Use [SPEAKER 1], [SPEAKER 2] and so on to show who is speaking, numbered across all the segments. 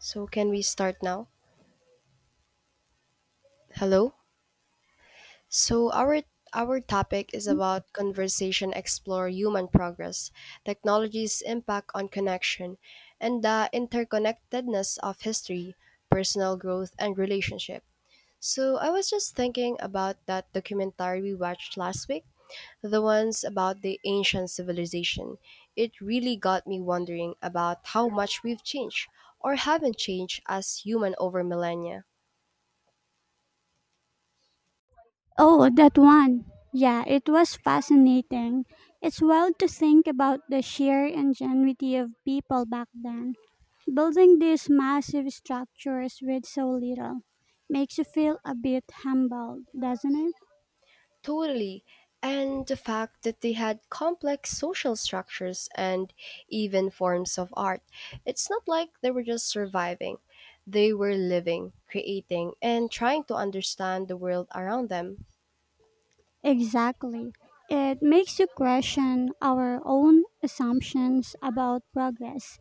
[SPEAKER 1] So can we start now? Hello. So our topic is about conversation explore human progress, technology's impact on connection, and the interconnectedness of history, personal growth and relationship. So I was just thinking about that documentary we watched last week, the ones about the ancient civilization. It really got me wondering about how much we've changed or haven't changed as human over millennia.
[SPEAKER 2] Oh, that one. Yeah, it was fascinating. It's wild to think about the sheer ingenuity of people back then. Building these massive structures with so little makes you feel a bit humbled, doesn't it?
[SPEAKER 1] Totally. And the fact that they had complex social structures and even forms of art. It's not like they were just surviving, they were living, creating, and trying to understand the world around them.
[SPEAKER 2] Exactly. It makes you question our own assumptions about progress.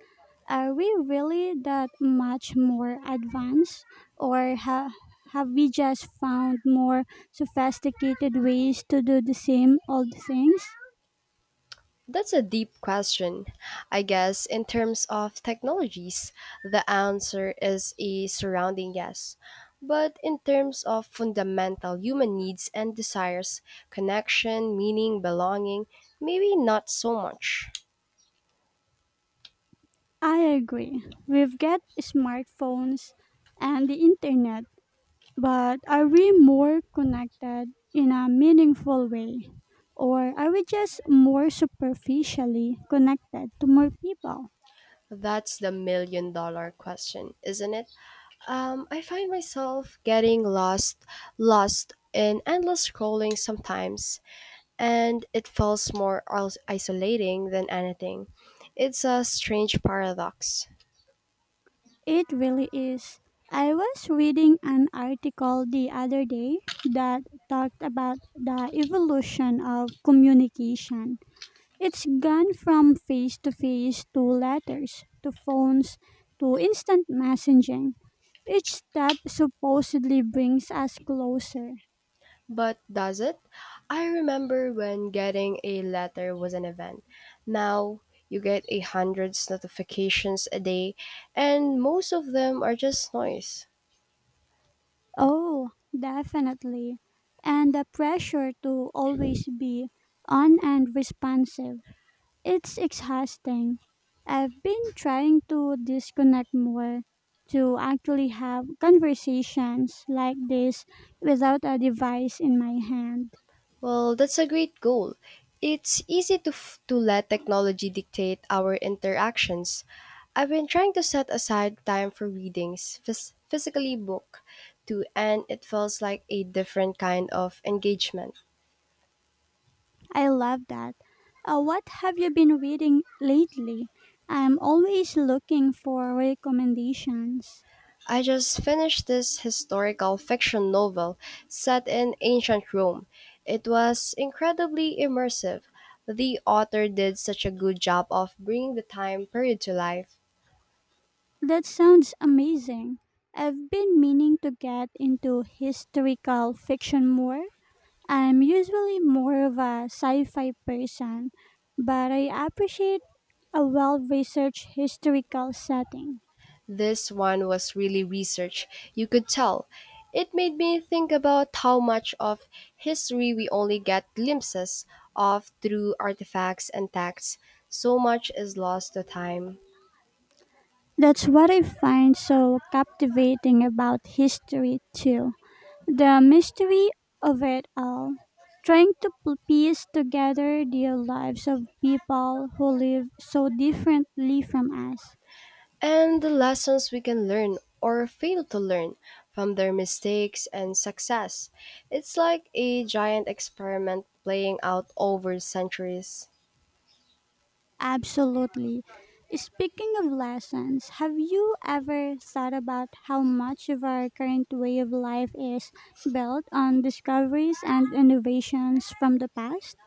[SPEAKER 2] Are we really that much more advanced, or ha- have we just found more sophisticated ways to do the same old things?
[SPEAKER 1] That's a deep question. I guess, in terms of technologies, the answer is a surrounding yes. But in terms of fundamental human needs and desires, connection, meaning, belonging, maybe not so much.
[SPEAKER 2] I agree. We've got smartphones and the internet, but are we more connected in a meaningful way? Or are we just more superficially connected to more people?
[SPEAKER 1] That's the million dollar question, isn't it? I find myself getting lost in endless scrolling sometimes, and it feels more isolating than anything. It's a strange paradox.
[SPEAKER 2] It really is. I was reading an article the other day that talked about the evolution of communication. It's gone from face to face to letters to phones to instant messaging. Each step supposedly brings us closer.
[SPEAKER 1] But does it? I remember when getting a letter was an event. Now you get a hundreds notifications a day, and most of them are just noise.
[SPEAKER 2] Oh, definitely. And the pressure to always be on and responsive. It's exhausting. I've been trying to disconnect more to actually have conversations like this without a device in my hand.
[SPEAKER 1] Well, that's a great goal. It's easy to let technology dictate our interactions. I've been trying to set aside time for readings, physically book, too, and it feels like a different kind of engagement.
[SPEAKER 2] I love that. What have you been reading lately? I'm always looking for recommendations.
[SPEAKER 1] I just finished this historical fiction novel set in ancient Rome. It was incredibly immersive. The author did such a good job of bringing the time period to life.
[SPEAKER 2] That sounds amazing. I've been meaning to get into historical fiction more. I'm usually more of a sci fi person, but I appreciate a well researched historical setting.
[SPEAKER 1] This one was really research, you could tell. It made me think about how much of history we only get glimpses of through artifacts and texts. So much is lost to time.
[SPEAKER 2] That's what I find so captivating about history, too. The mystery of it all. Trying to piece together the lives of people who live so differently from us.
[SPEAKER 1] And the lessons we can learn or fail to learn from their mistakes and success. It's like a giant experiment playing out over centuries.
[SPEAKER 2] Absolutely. Speaking of lessons, have you ever thought about how much of our current way of life is built on discoveries and innovations from the past?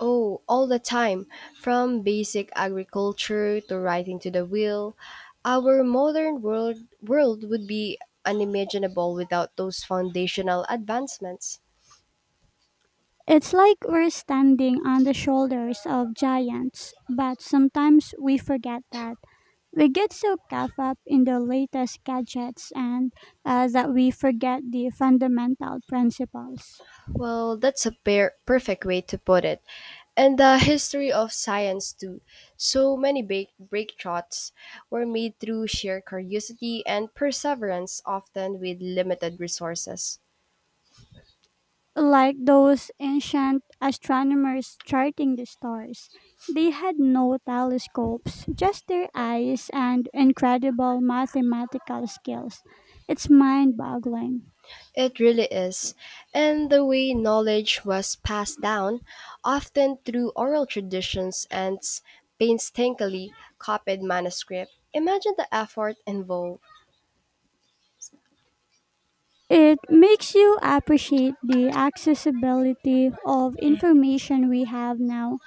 [SPEAKER 1] Oh, all the time. From basic agriculture to writing to the wheel, our modern world would be unimaginable without those foundational advancements.
[SPEAKER 2] It's like we're standing on the shoulders of giants, but sometimes we forget that. We get so caught up in the latest gadgets and that we forget the fundamental principles.
[SPEAKER 1] Well, that's a perfect way to put it. And the history of science too. So many big breakthroughs were made through sheer curiosity and perseverance, often with limited resources.
[SPEAKER 2] Like those ancient astronomers charting the stars. They had no telescopes, just their eyes and incredible mathematical skills. It's mind boggling.
[SPEAKER 1] It really is. And the way knowledge was passed down, often through oral traditions and painstakingly copied manuscript. Imagine the effort involved.
[SPEAKER 2] It makes you appreciate the accessibility of information we have now.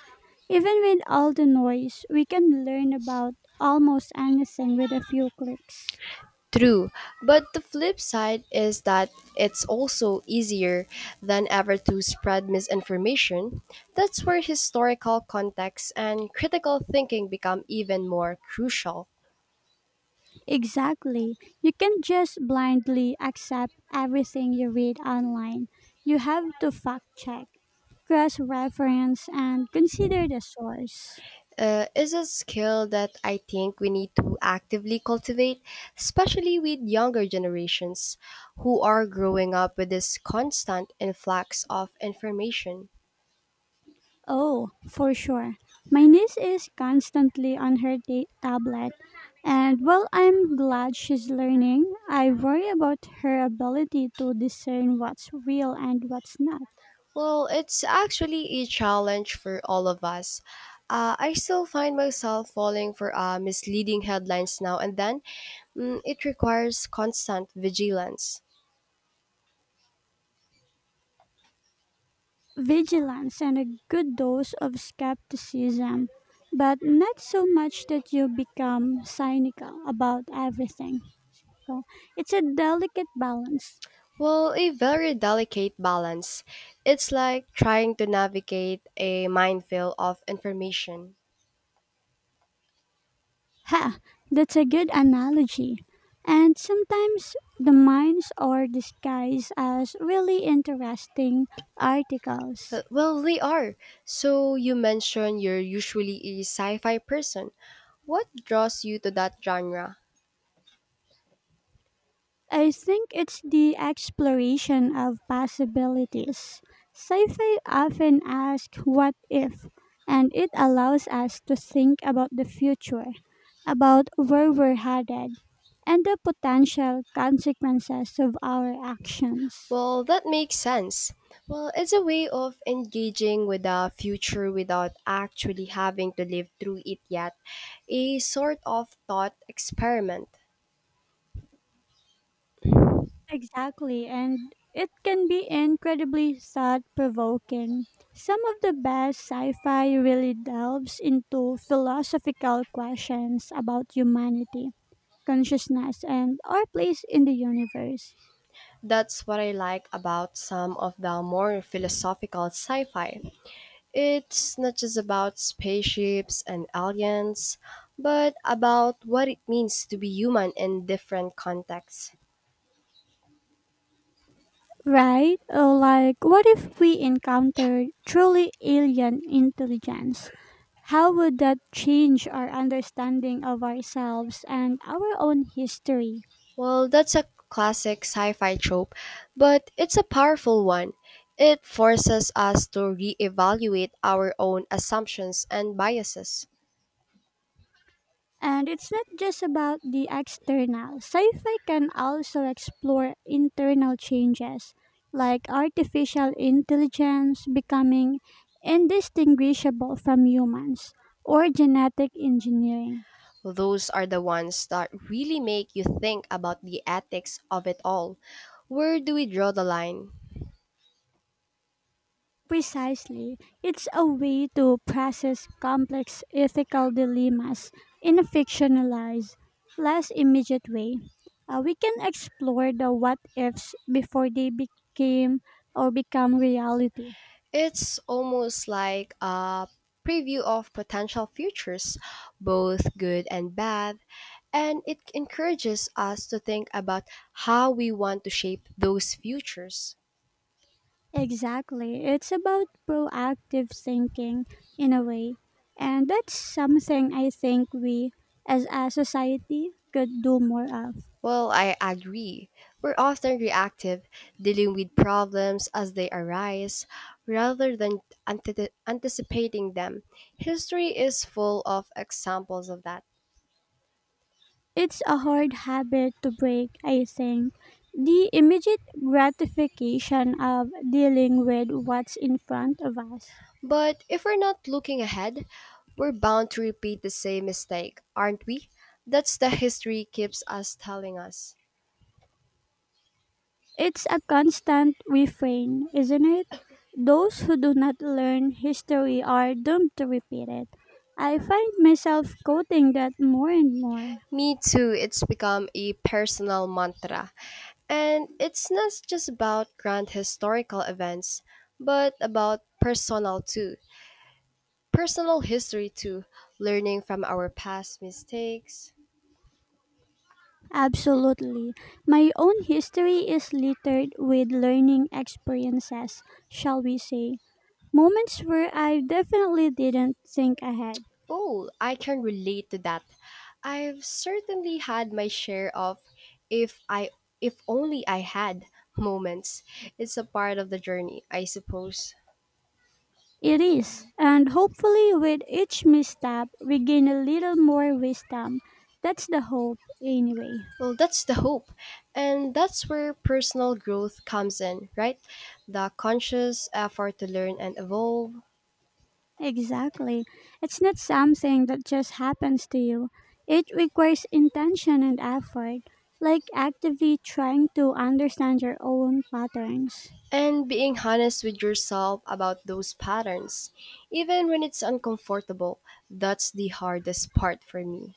[SPEAKER 2] Even with all the noise, we can learn about almost anything with a few clicks.
[SPEAKER 1] True, but the flip side is that it's also easier than ever to spread misinformation. That's where historical context and critical thinking become even more crucial.
[SPEAKER 2] Exactly. You can't just blindly accept everything you read online. You have to fact check, cross reference, and consider the source.
[SPEAKER 1] Is a skill that I think we need to actively cultivate, especially with younger generations who are growing up with this constant influx of information.
[SPEAKER 2] Oh, for sure. My niece is constantly on her tablet, and while I'm glad she's learning, I worry about her ability to discern what's real and what's not.
[SPEAKER 1] Well, it's actually a challenge for all of us. I still find myself falling for misleading headlines now and then. Mm, it requires constant vigilance.
[SPEAKER 2] Vigilance and a good dose of skepticism, but not so much that you become cynical about everything. So, It's a delicate balance.
[SPEAKER 1] Well, a very delicate balance. It's like trying to navigate a minefield of information.
[SPEAKER 2] Ha! That's a good analogy. And sometimes the mines are disguised as really interesting articles.
[SPEAKER 1] Well, they are. So you mentioned you're usually a sci-fi person. What draws you to that genre?
[SPEAKER 2] I think it's the exploration of possibilities. Sci fi often asks what if, and it allows us to think about the future, about where we're headed, and the potential consequences of our actions.
[SPEAKER 1] Well, that makes sense. Well, it's a way of engaging with the future without actually having to live through it yet. A sort of thought experiment.
[SPEAKER 2] Exactly, and it can be incredibly thought provoking. Some of the best sci fi really delves into philosophical questions about humanity consciousness, and our place in the universe.
[SPEAKER 1] That's what I like about some of the more philosophical sci fi. It's not just about spaceships and aliens, but about what it means to be human in different contexts.
[SPEAKER 2] Right? Like, what if we encountered truly alien intelligence? How would that change our understanding of ourselves and our own history?
[SPEAKER 1] Well, that's a classic sci fi trope, but it's a powerful one. It forces us to reevaluate our own assumptions and biases.
[SPEAKER 2] And it's not just about the external. Sci fi can also explore internal changes, like artificial intelligence becoming indistinguishable from humans or genetic engineering.
[SPEAKER 1] Those are the ones that really make you think about the ethics of it all. Where do we draw the line?
[SPEAKER 2] Precisely. It's a way to process complex ethical dilemmas in a fictionalized, less immediate way. We can explore the what ifs before they became or become reality.
[SPEAKER 1] It's almost like a preview of potential futures, both good and bad, and it encourages us to think about how we want to shape those futures.
[SPEAKER 2] Exactly. It's about proactive thinking in a way. And that's something I think we as a society could do more of.
[SPEAKER 1] Well, I agree. We're often reactive, dealing with problems as they arise rather than anticipating them. History is full of examples of that.
[SPEAKER 2] It's a hard habit to break, I think. The immediate gratification of dealing with what's in front of us.
[SPEAKER 1] But if we're not looking ahead, we're bound to repeat the same mistake, aren't we? That's the history keeps us telling us.
[SPEAKER 2] It's a constant refrain, isn't it? Those who do not learn history are doomed to repeat it. I find myself quoting that more and more.
[SPEAKER 1] Me too, it's become a personal mantra. And it's not just about grand historical events, but about personal too. Personal history too, learning from our past mistakes.
[SPEAKER 2] Absolutely. My own history is littered with learning experiences, shall we say, moments where I definitely didn't think ahead.
[SPEAKER 1] Oh, I can relate to that. I've certainly had my share of if I if only I had moments. It's a part of the journey, I suppose.
[SPEAKER 2] It is, and hopefully, with each misstep, we gain a little more wisdom. That's the hope, anyway.
[SPEAKER 1] Well, that's the hope. And that's where personal growth comes in, right? The conscious effort to learn and evolve
[SPEAKER 2] Exactly. It's not something that just happens to you, it requires intention and effort, like actively trying to understand your own patterns.
[SPEAKER 1] and being honest with yourself about those patterns, even when it's uncomfortable. That's the hardest part for me.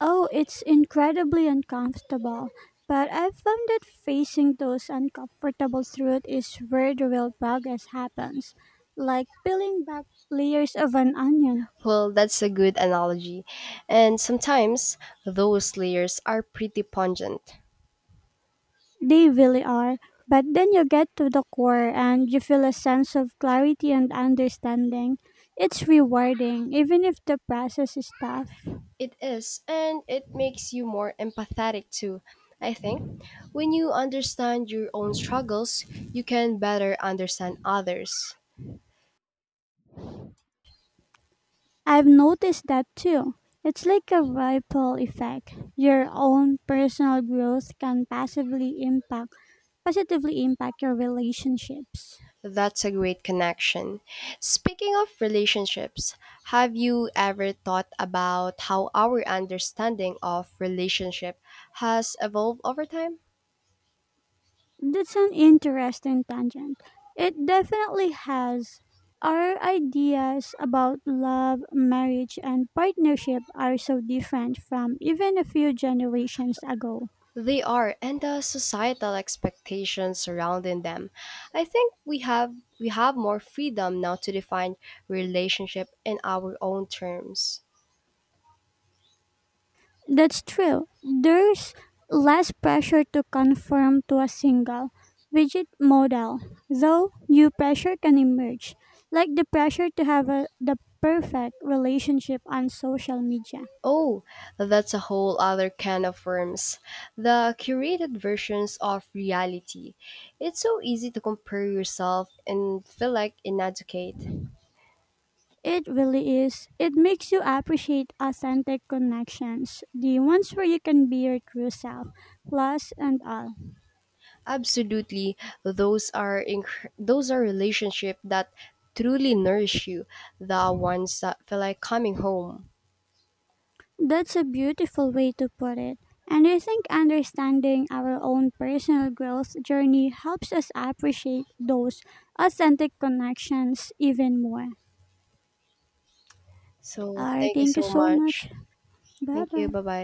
[SPEAKER 2] Oh, it's incredibly uncomfortable. But I've found that facing those uncomfortable truths is where the real progress happens. Like peeling back layers of an onion.
[SPEAKER 1] Well, that's a good analogy. And sometimes those layers are pretty pungent.
[SPEAKER 2] They really are. But then you get to the core and you feel a sense of clarity and understanding. It's rewarding, even if the process is tough.
[SPEAKER 1] It is, and it makes you more empathetic too, I think. When you understand your own struggles, you can better understand others.
[SPEAKER 2] I've noticed that too. It's like a ripple effect. Your own personal growth can passively impact positively impact your relationships.
[SPEAKER 1] That's a great connection. Speaking of relationships, have you ever thought about how our understanding of relationship has evolved over time?
[SPEAKER 2] That's an interesting tangent. It definitely has. Our ideas about love, marriage and partnership are so different from even a few generations ago.
[SPEAKER 1] They are, and the societal expectations surrounding them. I think we have more freedom now to define relationship in our own terms.
[SPEAKER 2] That's true. There's less pressure to conform to a single rigid model, though new pressure can emerge, like the pressure to have the perfect relationship on social media.
[SPEAKER 1] Oh, that's a whole other can of worms. The curated versions of reality. It's so easy to compare yourself and feel like inadequate.
[SPEAKER 2] It really is. It makes you appreciate authentic connections, the ones where you can be your true self, flaws and all.
[SPEAKER 1] Absolutely, those are those are relationships that truly nourish you. The ones that feel like coming home.
[SPEAKER 2] That's a beautiful way to put it. And I think understanding our own personal growth journey helps us appreciate those authentic connections even more.
[SPEAKER 1] So
[SPEAKER 2] All right,
[SPEAKER 1] thank you
[SPEAKER 2] thank you
[SPEAKER 1] so
[SPEAKER 2] so
[SPEAKER 1] much.
[SPEAKER 2] much. Bye
[SPEAKER 1] Thank you.
[SPEAKER 2] bye.
[SPEAKER 1] Bye bye.